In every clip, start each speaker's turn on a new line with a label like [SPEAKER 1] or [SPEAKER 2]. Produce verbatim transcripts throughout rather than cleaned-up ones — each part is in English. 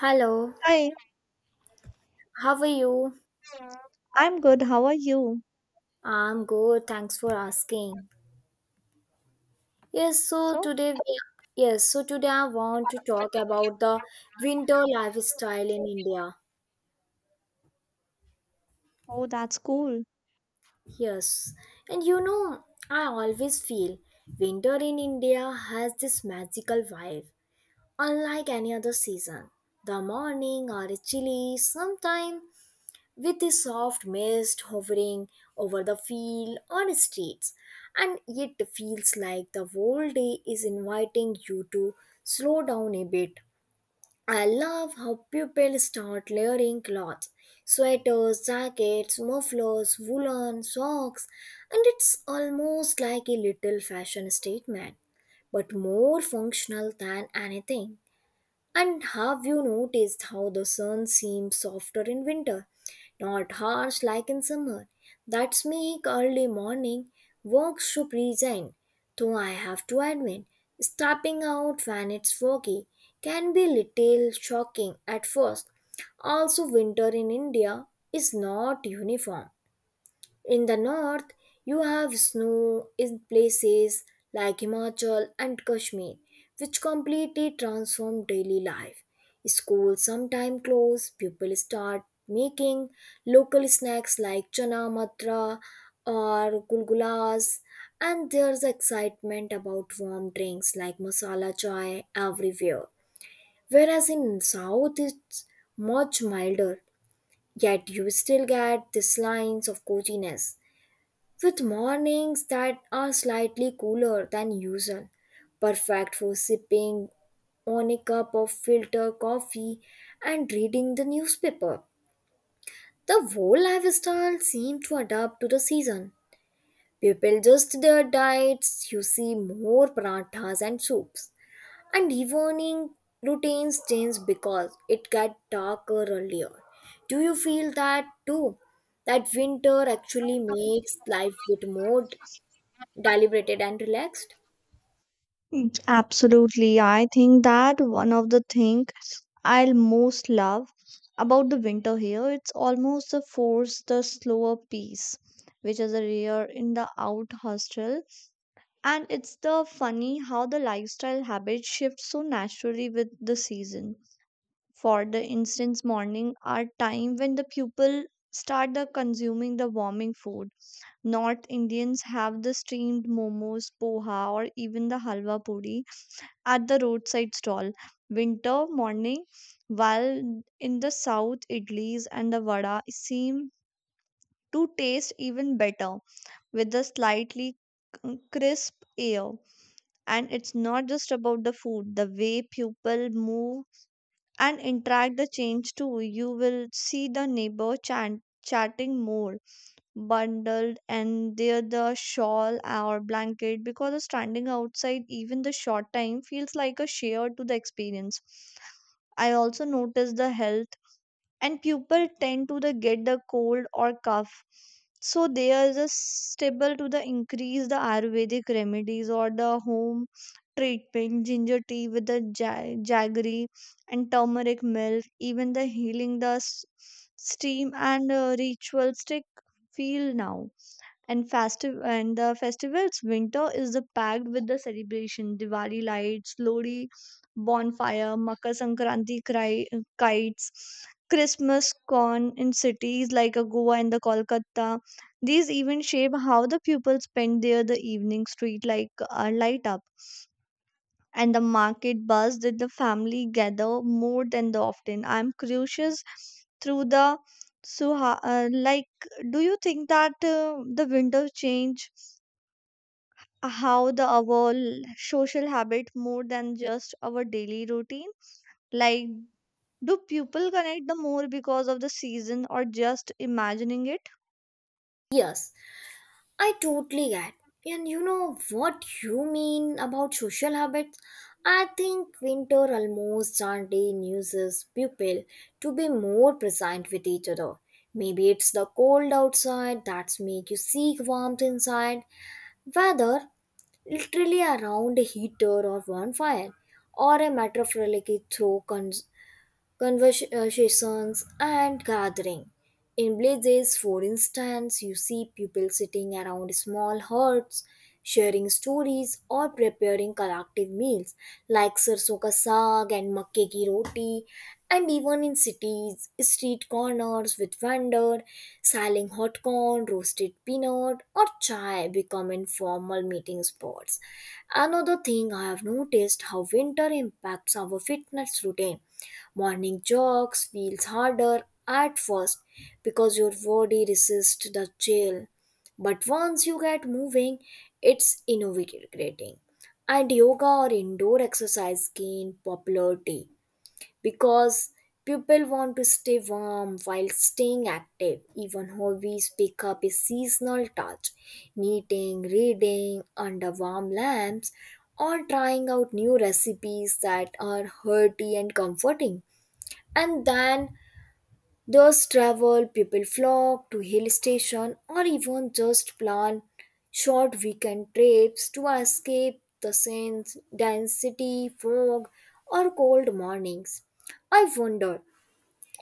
[SPEAKER 1] Hello,
[SPEAKER 2] Hi,
[SPEAKER 1] how are you?
[SPEAKER 2] I'm good. How are you?
[SPEAKER 1] I'm good, thanks for asking. Yes, so
[SPEAKER 2] So,
[SPEAKER 1] today we yes, so today I want to talk about the winter lifestyle in India.
[SPEAKER 2] oh, that's cool.
[SPEAKER 1] Yes. And you know, I always feel winter in India has this magical vibe, unlike any other season. The morning are chilly, sometimes with a soft mist hovering over the field or streets, and it feels like the whole day is inviting you to slow down a bit. I love how people start layering clothes, sweaters, jackets, mufflers, woolen socks, and it's almost like a little fashion statement, but more functional than anything. And have you noticed how the sun seems softer in winter, not harsh like in summer? That's make early morning work so present. Though I have to admit, stepping out when it's foggy can be little shocking at first. Also, winter in India is not uniform. In the north, you have snow in places like Himachal and Kashmir, which completely transform daily life. Schools sometimes close, people start making local snacks like chana matra or gulgulas, and there's excitement about warm drinks like masala chai everywhere. Whereas in south, it's much milder, yet you still get these lines of coziness with mornings that are slightly cooler than usual, perfect for sipping on a cup of filter coffee and reading the newspaper. The whole lifestyle seemed to adapt to the season. People adjust their diets, you see more parathas and soups. And evening routines change because it gets darker earlier. Do you feel that too? That winter actually makes life get more deliberated and relaxed.
[SPEAKER 2] Absolutely. I think that one of the thing I'll most love about the winter here, it's almost the force, the slower pace, which is a rare in the out hostel. And it's the funny how the lifestyle habits shift so naturally with the season. For the instance, morning are time when the people start the consuming the warming food. North Indians have the steamed momos, poha, or even the halwa puri at the roadside stall winter morning, while in the south, idlis and the vada seem to taste even better with the slightly c- crisp air. And it's not just about the food, the way people move and interact the change too. You will see the neighbor chant, chatting more bundled and there the shawl or blanket because standing outside even the short time feels like a share to the experience. I also notice the health and people tend to the get the cold or cough, so there is a stable to the increase the ayurvedic remedies or the home treatment, ginger tea with the ja- jaggery and turmeric milk, even the healing the s- steam and uh, ritual stick feel now and festive and the festivals. Winter is the packed with the celebration, Diwali lights, Lodi bonfire, Makar Sankranti cry, kites, Christmas corn in cities like uh, Goa and the Kolkata. These even shape how the pupils spend their the evening. Street like are light up and the market buzz did the family gather more than the often. I'm curious through the suha uh, like, do you think that uh, the winter change uh, how the our l- social habit more than just our daily routine, like do people connect the more because of the season or just imagining it?
[SPEAKER 1] Yes, I totally get. And you know what you mean about social habits? I think winter almost certainly uses people to be more present with each other. Maybe it's the cold outside that's make you seek warmth inside, whether literally around a heater or bonfire, or a metaphorically through con- conversations and gathering. In villages, for instance, you see people sitting around small huts, sharing stories or preparing collective meals like sarson ka saag and makke ki roti. And even in cities, street corners with vendor selling hot corn, roasted peanut, or chai become informal meeting spots. Another thing I have noticed how winter impacts our fitness routine. Morning jogs feels harder at first because your body resists the chill. But once you get moving, it's invigorating. And yoga or indoor exercise gain popularity because people want to stay warm while staying active. Even hobbies pick up a seasonal touch. Knitting, reading under warm lamps, or trying out new recipes that are hearty and comforting and then those travel people flock to hill station or even just plan short weekend trips to escape the sense density fog or cold mornings. I wonder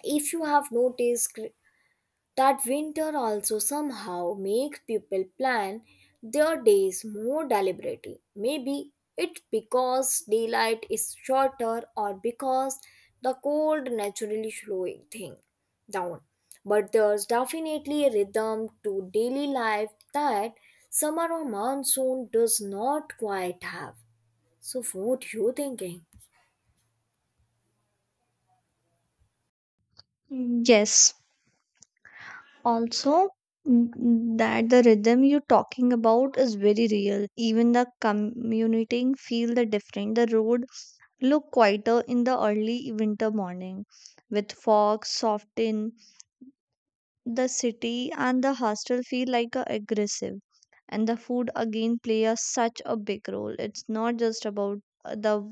[SPEAKER 1] if you have noticed that winter also somehow makes people plan their days more deliberately. Maybe it because daylight is shorter or because the cold naturally slowing thing down. But there's definitely a rhythm to daily life that summer or monsoon does not quite have. So what you thinking?
[SPEAKER 2] Mm, yes, also n- that the rhythm you're talking about is very real. Even the commuting feel the different, the road look quieter in the early winter morning with fog soften the city and the hostel feel like a aggressive. And the food again play a, such a big role. It's not just about uh, the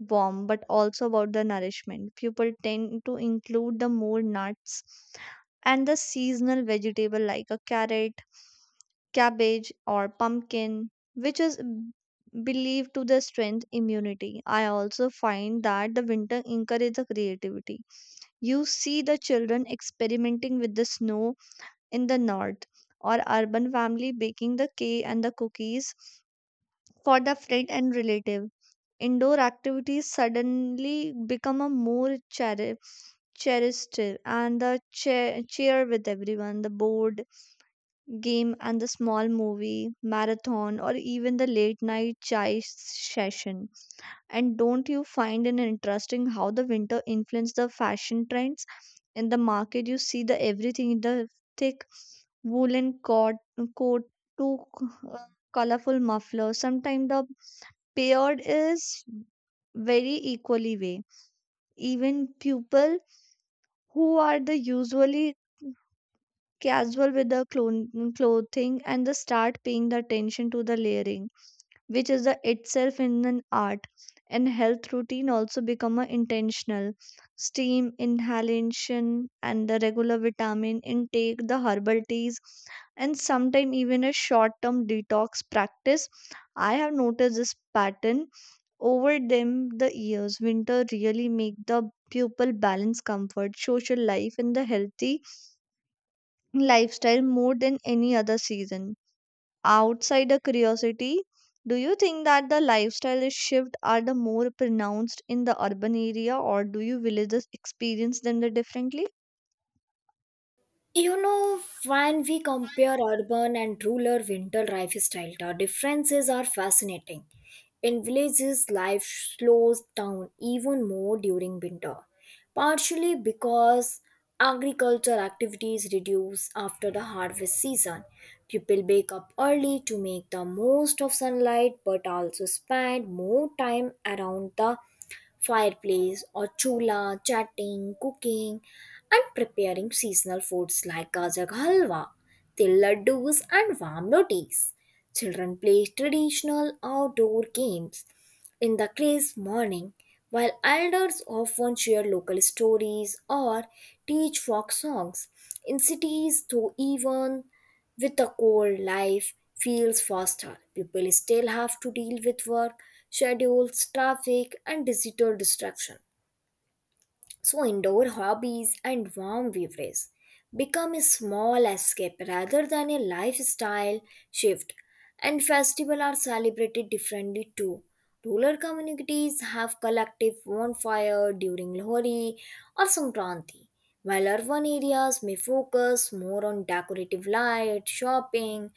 [SPEAKER 2] warm but also about the nourishment. People tend to include the more nuts and the seasonal vegetable like a carrot, cabbage or pumpkin which is b- believed to the strength immunity. I also find that the winter encourages the creativity. You see the children experimenting with the snow in the north or urban family baking the cake and the cookies for the friend and relative. Indoor activities suddenly become a more cheri- cherished and the chair, cheer with everyone the board game and the small movie marathon or even the late night chai session. And don't you find it interesting how the winter influenced the fashion trends? In the market you see the everything, the thick woolen coat coat to colorful muffler, sometimes the paired is very equally way. Even people who are the usually casual with the clon- clothing and the start paying the attention to the layering, which is the itself in an art. And health routine also become a intentional steam inhalation and the regular vitamin intake, the herbal teas, and sometime even a short term detox practice. I have noticed this pattern over them the years, winter really make the pupil balance comfort, social life, and the healthy lifestyle more than any other season. Outside the curiosity, do you think that the lifestyle shift are the more pronounced in the urban area, or do you villages experience them the differently?
[SPEAKER 1] You know, when we compare urban and rural winter lifestyle, the differences are fascinating. In villages, life slows down even more during winter, partially because agricultural activities reduce after the harvest season. People wake up early to make the most of sunlight but also spend more time around the fireplace or chula, chatting, cooking, and preparing seasonal foods like gajak halwa, til laddus, and warm rotis. Children play traditional outdoor games in the crisp morning, while elders often share local stories or teach folk songs. In cities, though, even with a cold life feels faster, people still have to deal with work, schedules, traffic, and digital distraction. So, indoor hobbies and warm beverages become a small escape rather than a lifestyle shift, and festivals are celebrated differently too. Rural communities have collective bonfire during Lohri or Sankranti, while urban areas may focus more on decorative light, shopping,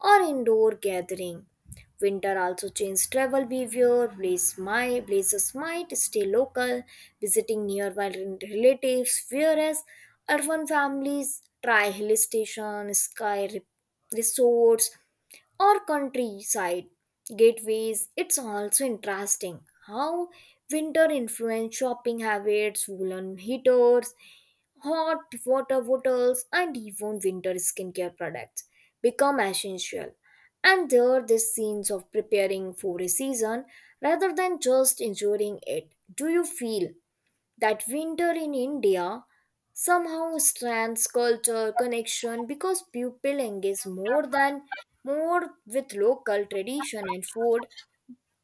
[SPEAKER 1] or indoor gathering. Winter also changes travel behavior. Blaze might, blazers might stay local, visiting nearby relatives, whereas urban families try hill stations, sky re- resorts, or countryside gateways. It's also interesting how winter influence shopping habits, woolen heaters, hot water bottles, and even winter skincare products become essential. And there are these scenes of preparing for a season rather than just enjoying it. Do you feel that winter in India somehow strands culture connection because people engage more than more with local tradition and food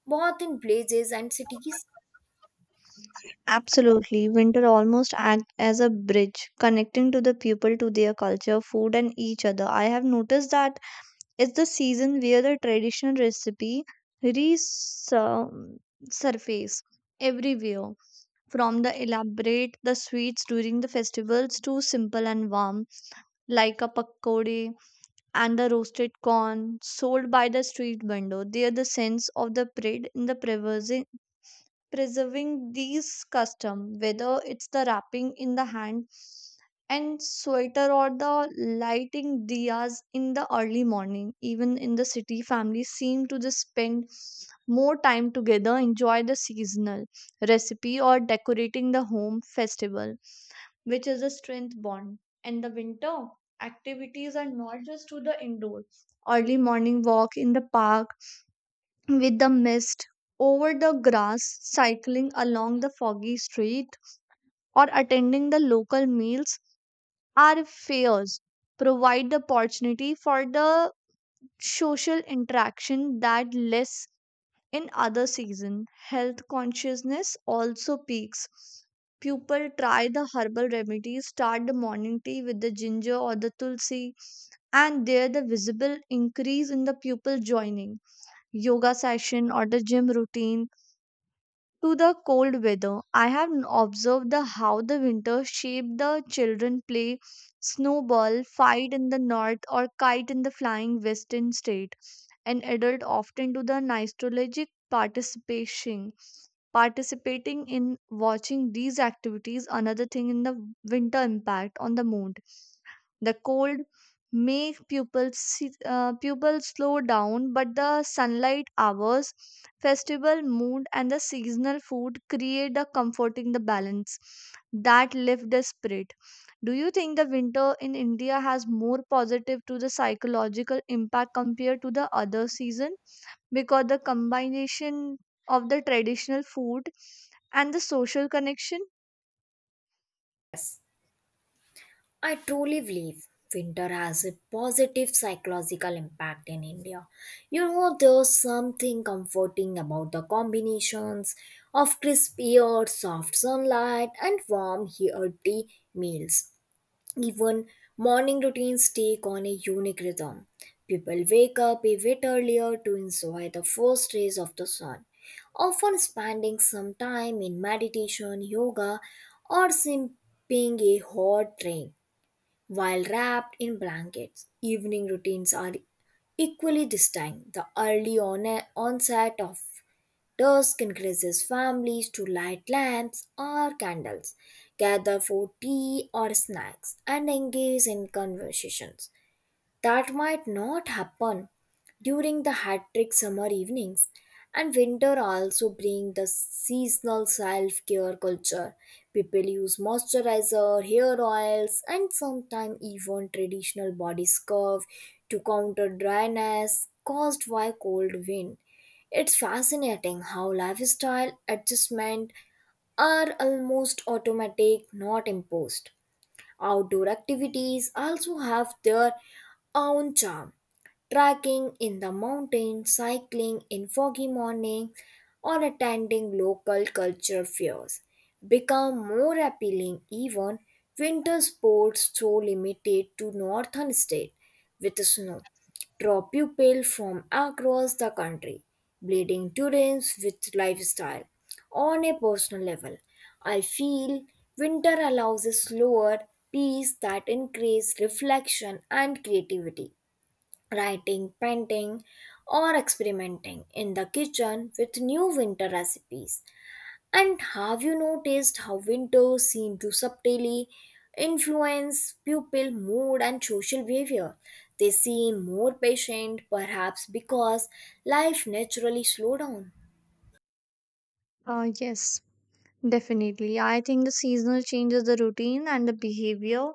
[SPEAKER 1] both in places and cities.
[SPEAKER 2] Absolutely. Winter almost act as a bridge connecting to the people to their culture, food and each other. I have noticed that is the season where the traditional recipe resurface everywhere, from the elaborate the sweets during the festivals to simple and warm like a pakode and the roasted corn sold by the street vendor. There the sense of the pride in the preserving preserving these custom, whether it's the wrapping in the hand and sweater or the lighting diyas in the early morning. Even in the city, families seem to just spend more time together, enjoy the seasonal recipe or decorating the home festival, which is a strength bond. And the winter activities are not just to the indoor. Early morning walk in the park with the mist over the grass, cycling along the foggy street, or attending the local meals, our fairs provide the opportunity for the social interaction that less in other season. Health consciousness also peaks. People try the herbal remedies, start the morning tea with the ginger or the tulsi, and there the visible increase in the pupil joining yoga session or the gym routine to the cold weather. I have n- observed the how the winter shape the children play, snowball fight in the north, or kite in the flying western state. An adult often do the nostalgic participation participating in watching these activities. Another thing in the winter impact on the mood, the cold make pupils si- uh, pupils slow down, but the sunlight hours, festival mood, and the seasonal food create a comforting the balance that lift the spirit. Do you think the winter in India has more positive to the psychological impact compared to the other season? Because the combination of the traditional food and the social connection.
[SPEAKER 1] Yes, I truly believe winter has a positive psychological impact in India. You know, there's something comforting about the combinations of crisp air, soft sunlight, and warm, hearty meals. Even morning routines take on a unique rhythm. People wake up a bit earlier to enjoy the first rays of the sun, often spending some time in meditation, yoga, or sipping a hot drink while wrapped in blankets. Evening routines are equally distinct. The early on- onset of dusk encourages families to light lamps or candles, gather for tea or snacks, and engage in conversations that might not happen during the hat trick summer evenings. And winter also bring the seasonal self-care culture. People use moisturizer hair oils and sometimes even traditional body scrub to counter dryness caused by cold wind. It's fascinating how lifestyle adjustments are almost automatic, not imposed. Outdoor activities also have their own charm, trekking in the mountains, cycling in foggy morning, or attending local culture fairs become more appealing. Even winter sports so limited to northern states with snow draw people from across the country, bleeding students with lifestyle. On a personal level, I feel winter allows a slower pace that increases reflection and creativity, writing, painting, or experimenting in the kitchen with new winter recipes. And have you noticed how winter seems to subtly influence pupil mood and social behavior? They seem more patient, perhaps because life naturally slows down.
[SPEAKER 2] Uh, yes, definitely. I think the seasonal changes the routine and the behavior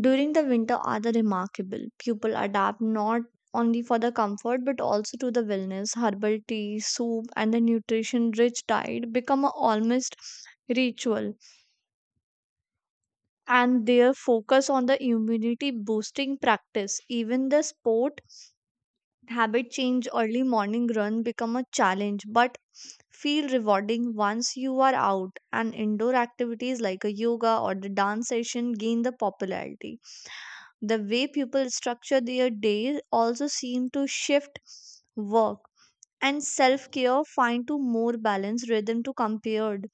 [SPEAKER 2] during the winter are the remarkable. People adapt not only for the comfort but also to the wellness. Herbal tea, soup, and the nutrition rich diet become a almost ritual, and their focus on the immunity boosting practice. Even the sport habit change. Early morning run become a challenge but feel rewarding once you are out. And indoor activities like a yoga or the dance session gain the popularity. The way people structure their days also seem to shift, work and self care find to more balanced rhythm to compared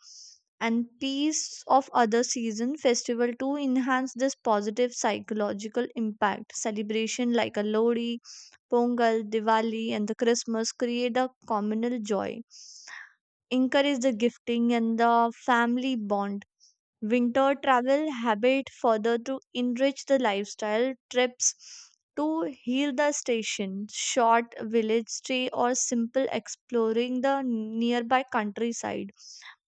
[SPEAKER 2] and peace of other season. Festival to enhance this positive psychological impact. Celebration like a Lodi, Pongal, Diwali and the Christmas create a communal joy, encourage the gifting and the family bond. Winter travel habit further to enrich the lifestyle. Trips to heal the station, short village stay, or simple exploring the nearby countryside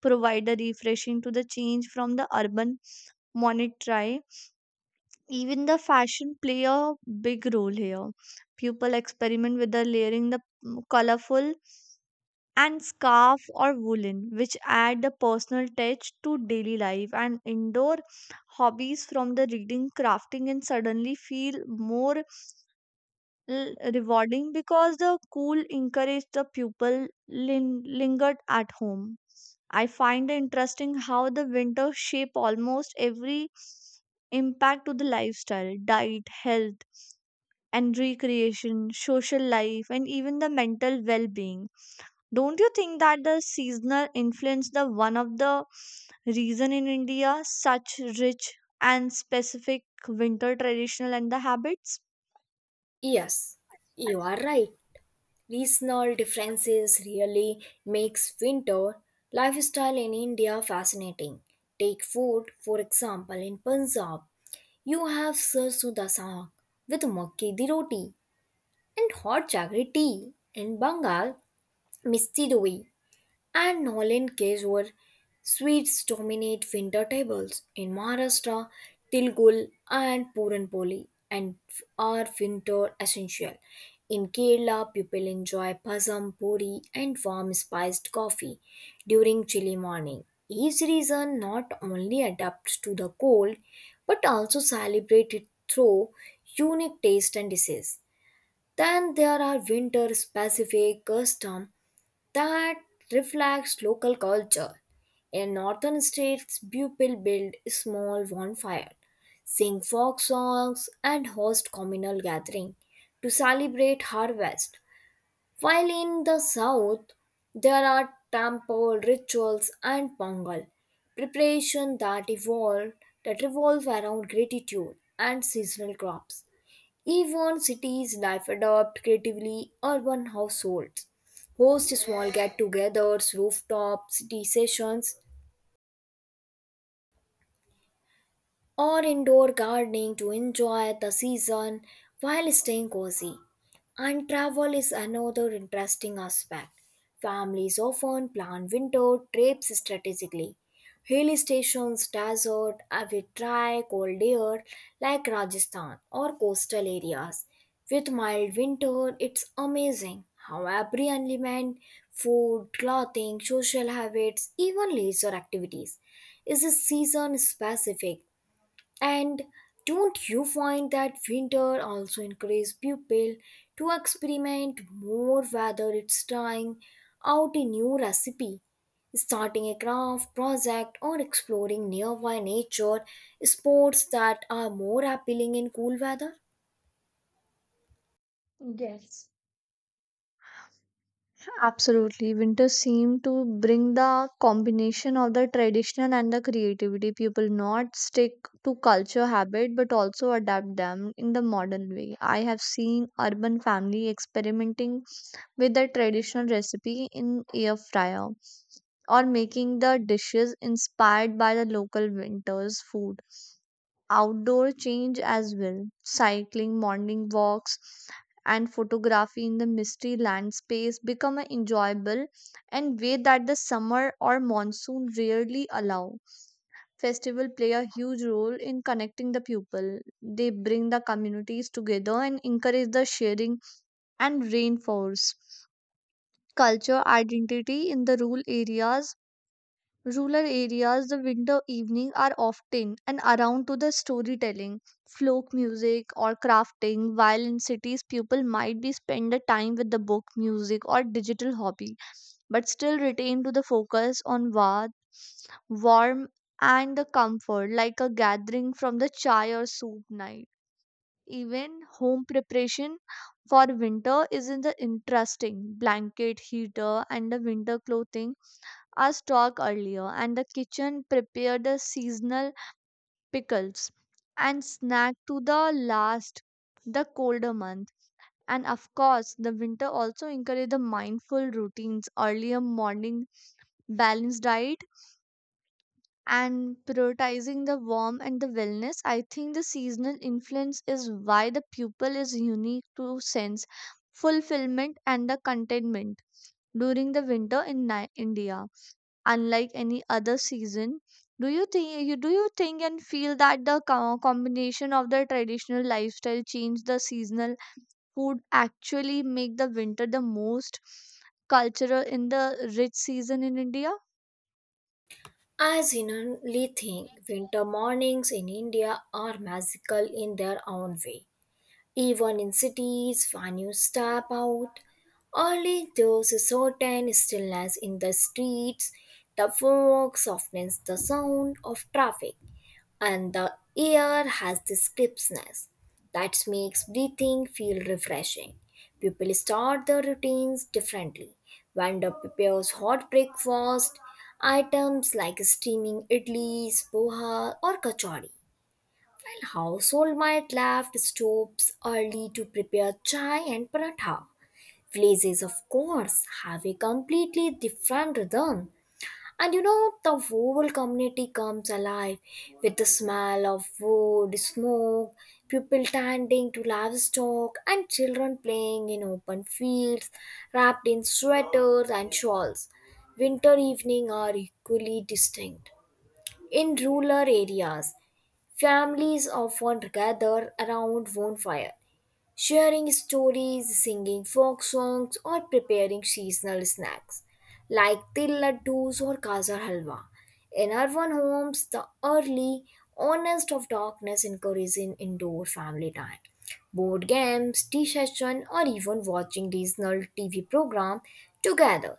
[SPEAKER 2] provide a refreshing to the change from the urban monetary. Even the fashion play a big role here. People experiment with the layering, the colorful and scarf or woolen which add the personal touch to daily life. And indoor hobbies from the reading crafting and suddenly feel more l- rewarding because the cool encourage the pupil lin- lingered at home. I find it interesting how the winter shape almost every impact to the lifestyle, diet, health and recreation, social life and even the mental well-being. Don't you think that the seasonal influence the one of the reason in India such rich and specific winter traditional and the habits?
[SPEAKER 1] Yes, you are right. Regional differences really makes winter lifestyle in India fascinating. Take food, for example, in Punjab. You have Sarson da Saag with mokke di roti and hot jaggery tea and bengal Misti doi and Nolan cakes were sweets dominate winter tables in Maharashtra, Tilgul and Puranpoli and are winter essential. In Kerala, people enjoy pasam, puri and warm spiced coffee during chilly morning. Each region not only adapts to the cold but also celebrate it through unique taste and dishes. Then there are winter specific custom that reflects local culture. A northern state's people build small bonfires, sing folk songs, and host communal gatherings to celebrate harvest. While in the south, there are temple rituals and pongal preparation that evolve that revolve around gratitude and seasonal crops. Even cities life adopt creatively urban households. Host small get togethers, rooftop city sessions, or indoor gardening to enjoy the season while staying cozy. And travel is another interesting aspect. Families often plan winter trips strategically. Hill stations, desert, uh, with dry, cold air like Rajasthan or coastal areas. With mild winter, it's amazing how every element, food, clothing, social habits, even leisure activities is a season specific. And don't you find that winter also encourages people to experiment more whether it's trying out a new recipe, starting a craft project or exploring nearby nature sports that are more appealing in cool weather?
[SPEAKER 2] Yes. Absolutely. Winter seem to bring the combination of the traditional and the creativity. People not stick to culture habit but also adapt them in the modern way. I have seen urban family experimenting with the traditional recipe in air fryer or making the dishes inspired by the local winter's food. Outdoor change as well, cycling, morning walks, and photography in the misty land space become a enjoyable and way that the summer or monsoon rarely allow. Festival play a huge role in connecting the people. They bring the communities together and encourage the sharing and reinforce culture identity in the rural areas. Rural areas, the winter evening are often an around to the storytelling, folk music, or crafting, while in cities, people might be spend the time with the book, music, or digital hobby, but still retain to the focus on warmth, warm and the comfort, like a gathering from the chai or soup night. Even home preparation for winter is in the interesting. Blanket, heater, and the winter clothing our stock earlier, and the kitchen prepared the seasonal pickles and snack to the last, the colder month. And of course, the winter also encouraged the mindful routines, earlier morning balanced diet, and prioritizing the warm and the wellness. I think the seasonal influence is why the pupil is unique to sense fulfillment and the contentment during the winter in Ni- India, unlike any other season. Do you think you do you think and feel that the co- combination of the traditional lifestyle change the seasonal food actually make the winter the most cultural in the rich season in India?
[SPEAKER 1] I genuinely think winter mornings in India are magical in their own way. Even in cities, when you step out, only there's a certain stillness in the streets. The fog softens the sound of traffic, and the air has this crispness that makes breathing feel refreshing. People start their routines differently. Vendor prepares hot breakfast, items like steaming idlis, poha, or kachori while household might left stoves early to prepare chai and paratha. Villages, of course, have a completely different rhythm. And you know, the whole community comes alive with the smell of wood, smoke, people tending to livestock, and children playing in open fields, wrapped in sweaters and shawls. Winter evenings are equally distinct. In rural areas, families often gather around bonfire, sharing stories, singing folk songs, or preparing seasonal snacks like til laddus or gajar halwa. In urban homes, the early honest of darkness encourages indoor family time. Board games, tea session, or even watching regional T V program together.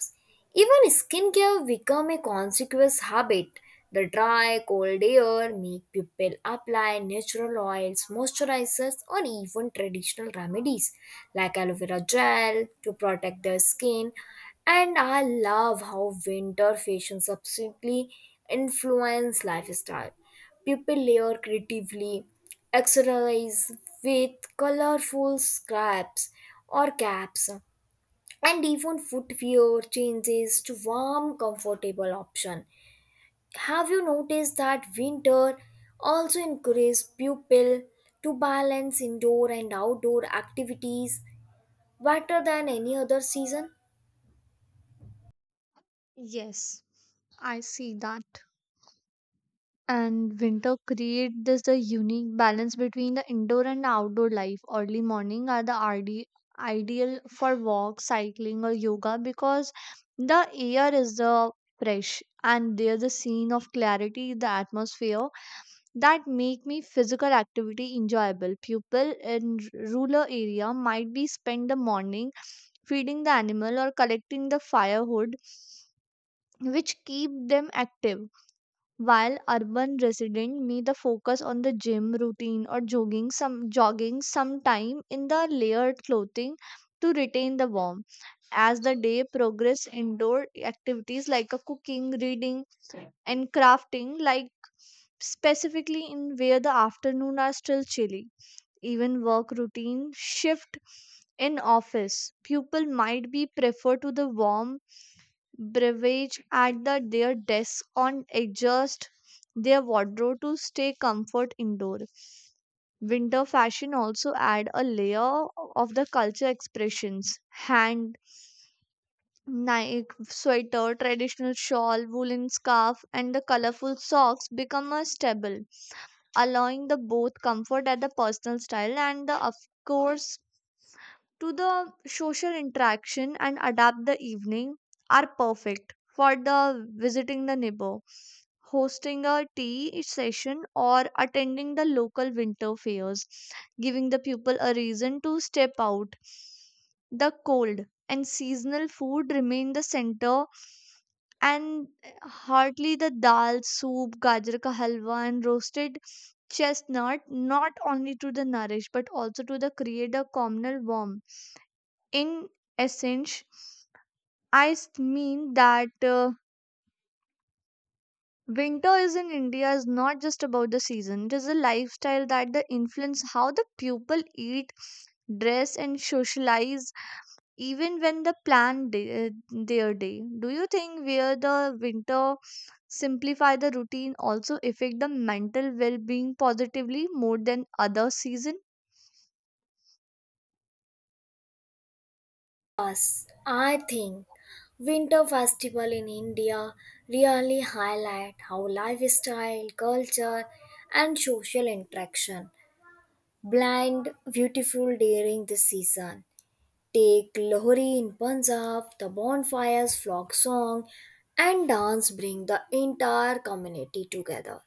[SPEAKER 1] Even skincare become a conspicuous habit. The dry, cold air make people apply natural oils, moisturizers, or even traditional remedies like aloe vera gel to protect their skin. And I love how winter fashion subsequently influence lifestyle. People layer creatively, accessorize with colorful scraps or caps, and even footwear changes to warm, comfortable option. Have you noticed that winter also encourages pupil to balance indoor and outdoor activities better than any other season?
[SPEAKER 2] Yes, I see that. And winter create this the unique balance between the indoor and outdoor life. Early morning are the ide- ideal for walk, cycling or yoga because the air is the fresh and there's a scene of clarity in the atmosphere that make me physical activity enjoyable. People in r- rural area might be spend the morning feeding the animal or collecting the firewood which keep them active, while urban resident may the focus on the gym routine or jogging some jogging sometime in the layered clothing to retain the warmth. As the day progress indoor activities like a cooking, reading and crafting like specifically in where the afternoon are still chilly. Even work routine shift in office. People might be prefer to the warm beverage at the, their desk on adjust their wardrobe to stay comfort indoor. Winter fashion also add a layer of the culture expressions. Hand Nike sweater, traditional shawl, woolen scarf, and the colorful socks become a staple, allowing the both comfort at the personal style and the of course to the social interaction and adapt the evening are perfect for the visiting the neighbor, hosting a tea session or attending the local winter fairs, giving the people a reason to step out. The cold and seasonal food remain the center and hardly the dal, soup, gajar ka halwa and roasted chestnut not only to the nourish but also to the create a communal warmth. In essence, I s- mean that uh, winter is in India is not just about the season, it is a lifestyle that the influence how the people eat, dress and socialize even when the plan day, their day. Do you think where the winter simplify the routine also affect the mental well-being positively more than other season?
[SPEAKER 1] I think winter festival in India really highlight how lifestyle, culture and social interaction blend beautiful during this season. Take Lahori in Punjab, the bonfires, flock song, and dance bring the entire community together.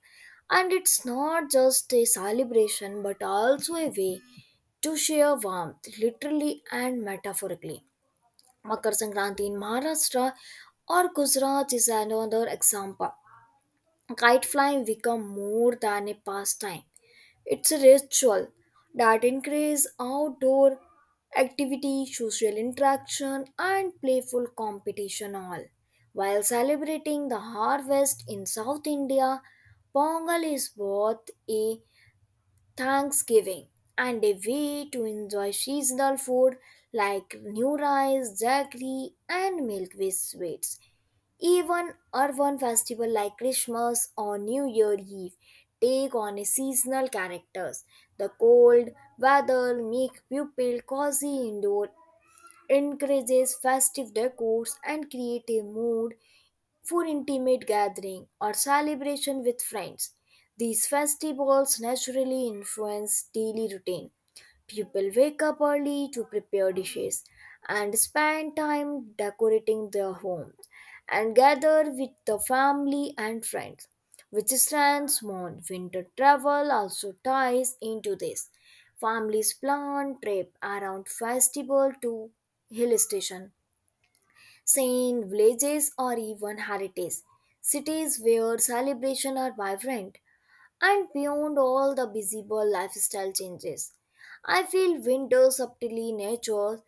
[SPEAKER 1] And it's not just a celebration but also a way to share warmth, literally and metaphorically. Makar Sankranti in Maharashtra or Gujarat is another example. Kite flying become more than a pastime. It's a ritual that increases outdoor activity, social interaction, and playful competition all. While celebrating the harvest in South India, Pongal is both a Thanksgiving and a way to enjoy seasonal food like new rice, jaggery, and milk with sweets. Even urban festival like Christmas or New Year Eve take on a seasonal characters. The cold weather make people cozy indoor, encourages festive decors and create a mood for intimate gathering or celebration with friends. These festivals naturally influence daily routine. People wake up early to prepare dishes and spend time decorating their homes and gather with the family and friends. Which strands on winter travel also ties into this. Families plan trip around festival to hill station, seeing villages or even heritage cities where celebrations are vibrant and beyond all the visible lifestyle changes. I feel winter subtly nature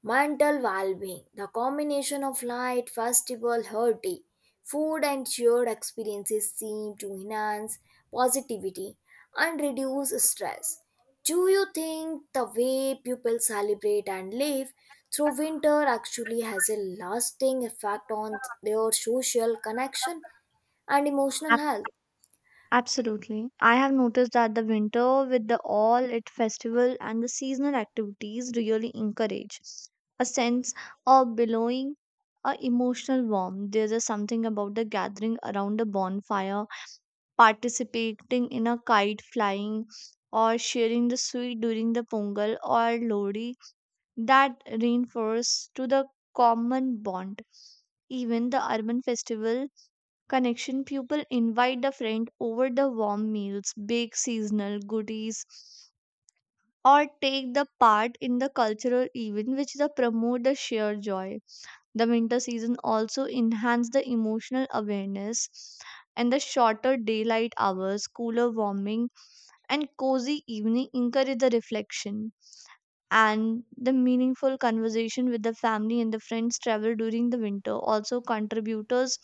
[SPEAKER 1] mental well-being, the combination of light, festival, hearty food and shared experiences seem to enhance positivity and reduce stress. Do you think the way people celebrate and live through winter actually has a lasting effect on their social connection and emotional health?
[SPEAKER 2] Absolutely. I have noticed that the winter with the all it festival and the seasonal activities really encourage a sense of belonging, a emotional warmth. There's a something about the gathering around a bonfire, participating in a kite flying or sharing the sweet during the Pongal or Lodi that reinforce to the common bond. Even the urban festival connection, people invite the friend over the warm meals, bake seasonal goodies, or take the part in the cultural event which the promote the shared joy. The winter season also enhance the emotional awareness and the shorter daylight hours, cooler warming and cozy evening encourage the reflection and the meaningful conversation with the family and the friends. Travel during the winter also contributors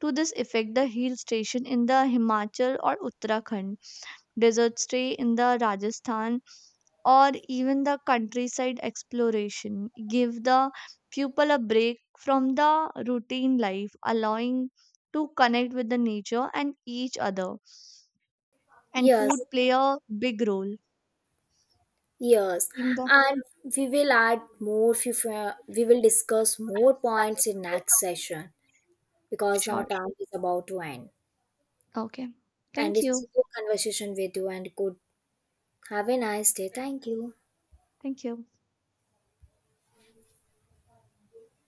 [SPEAKER 2] to this effect. The hill station in the Himachal or Uttarakhand, desert stay in the Rajasthan or even the countryside exploration give the pupil a break from the routine life allowing to connect with the nature and each other. And
[SPEAKER 1] Yes,
[SPEAKER 2] food play a big role
[SPEAKER 1] yes,
[SPEAKER 2] in the
[SPEAKER 1] and we will add more. We we will discuss more points in next session, because now
[SPEAKER 2] short.
[SPEAKER 1] time is about to end.
[SPEAKER 2] Okay,
[SPEAKER 1] And
[SPEAKER 2] thank
[SPEAKER 1] it's
[SPEAKER 2] you.
[SPEAKER 1] a good conversation with you and good. Have a nice day. Thank you.
[SPEAKER 2] Thank you.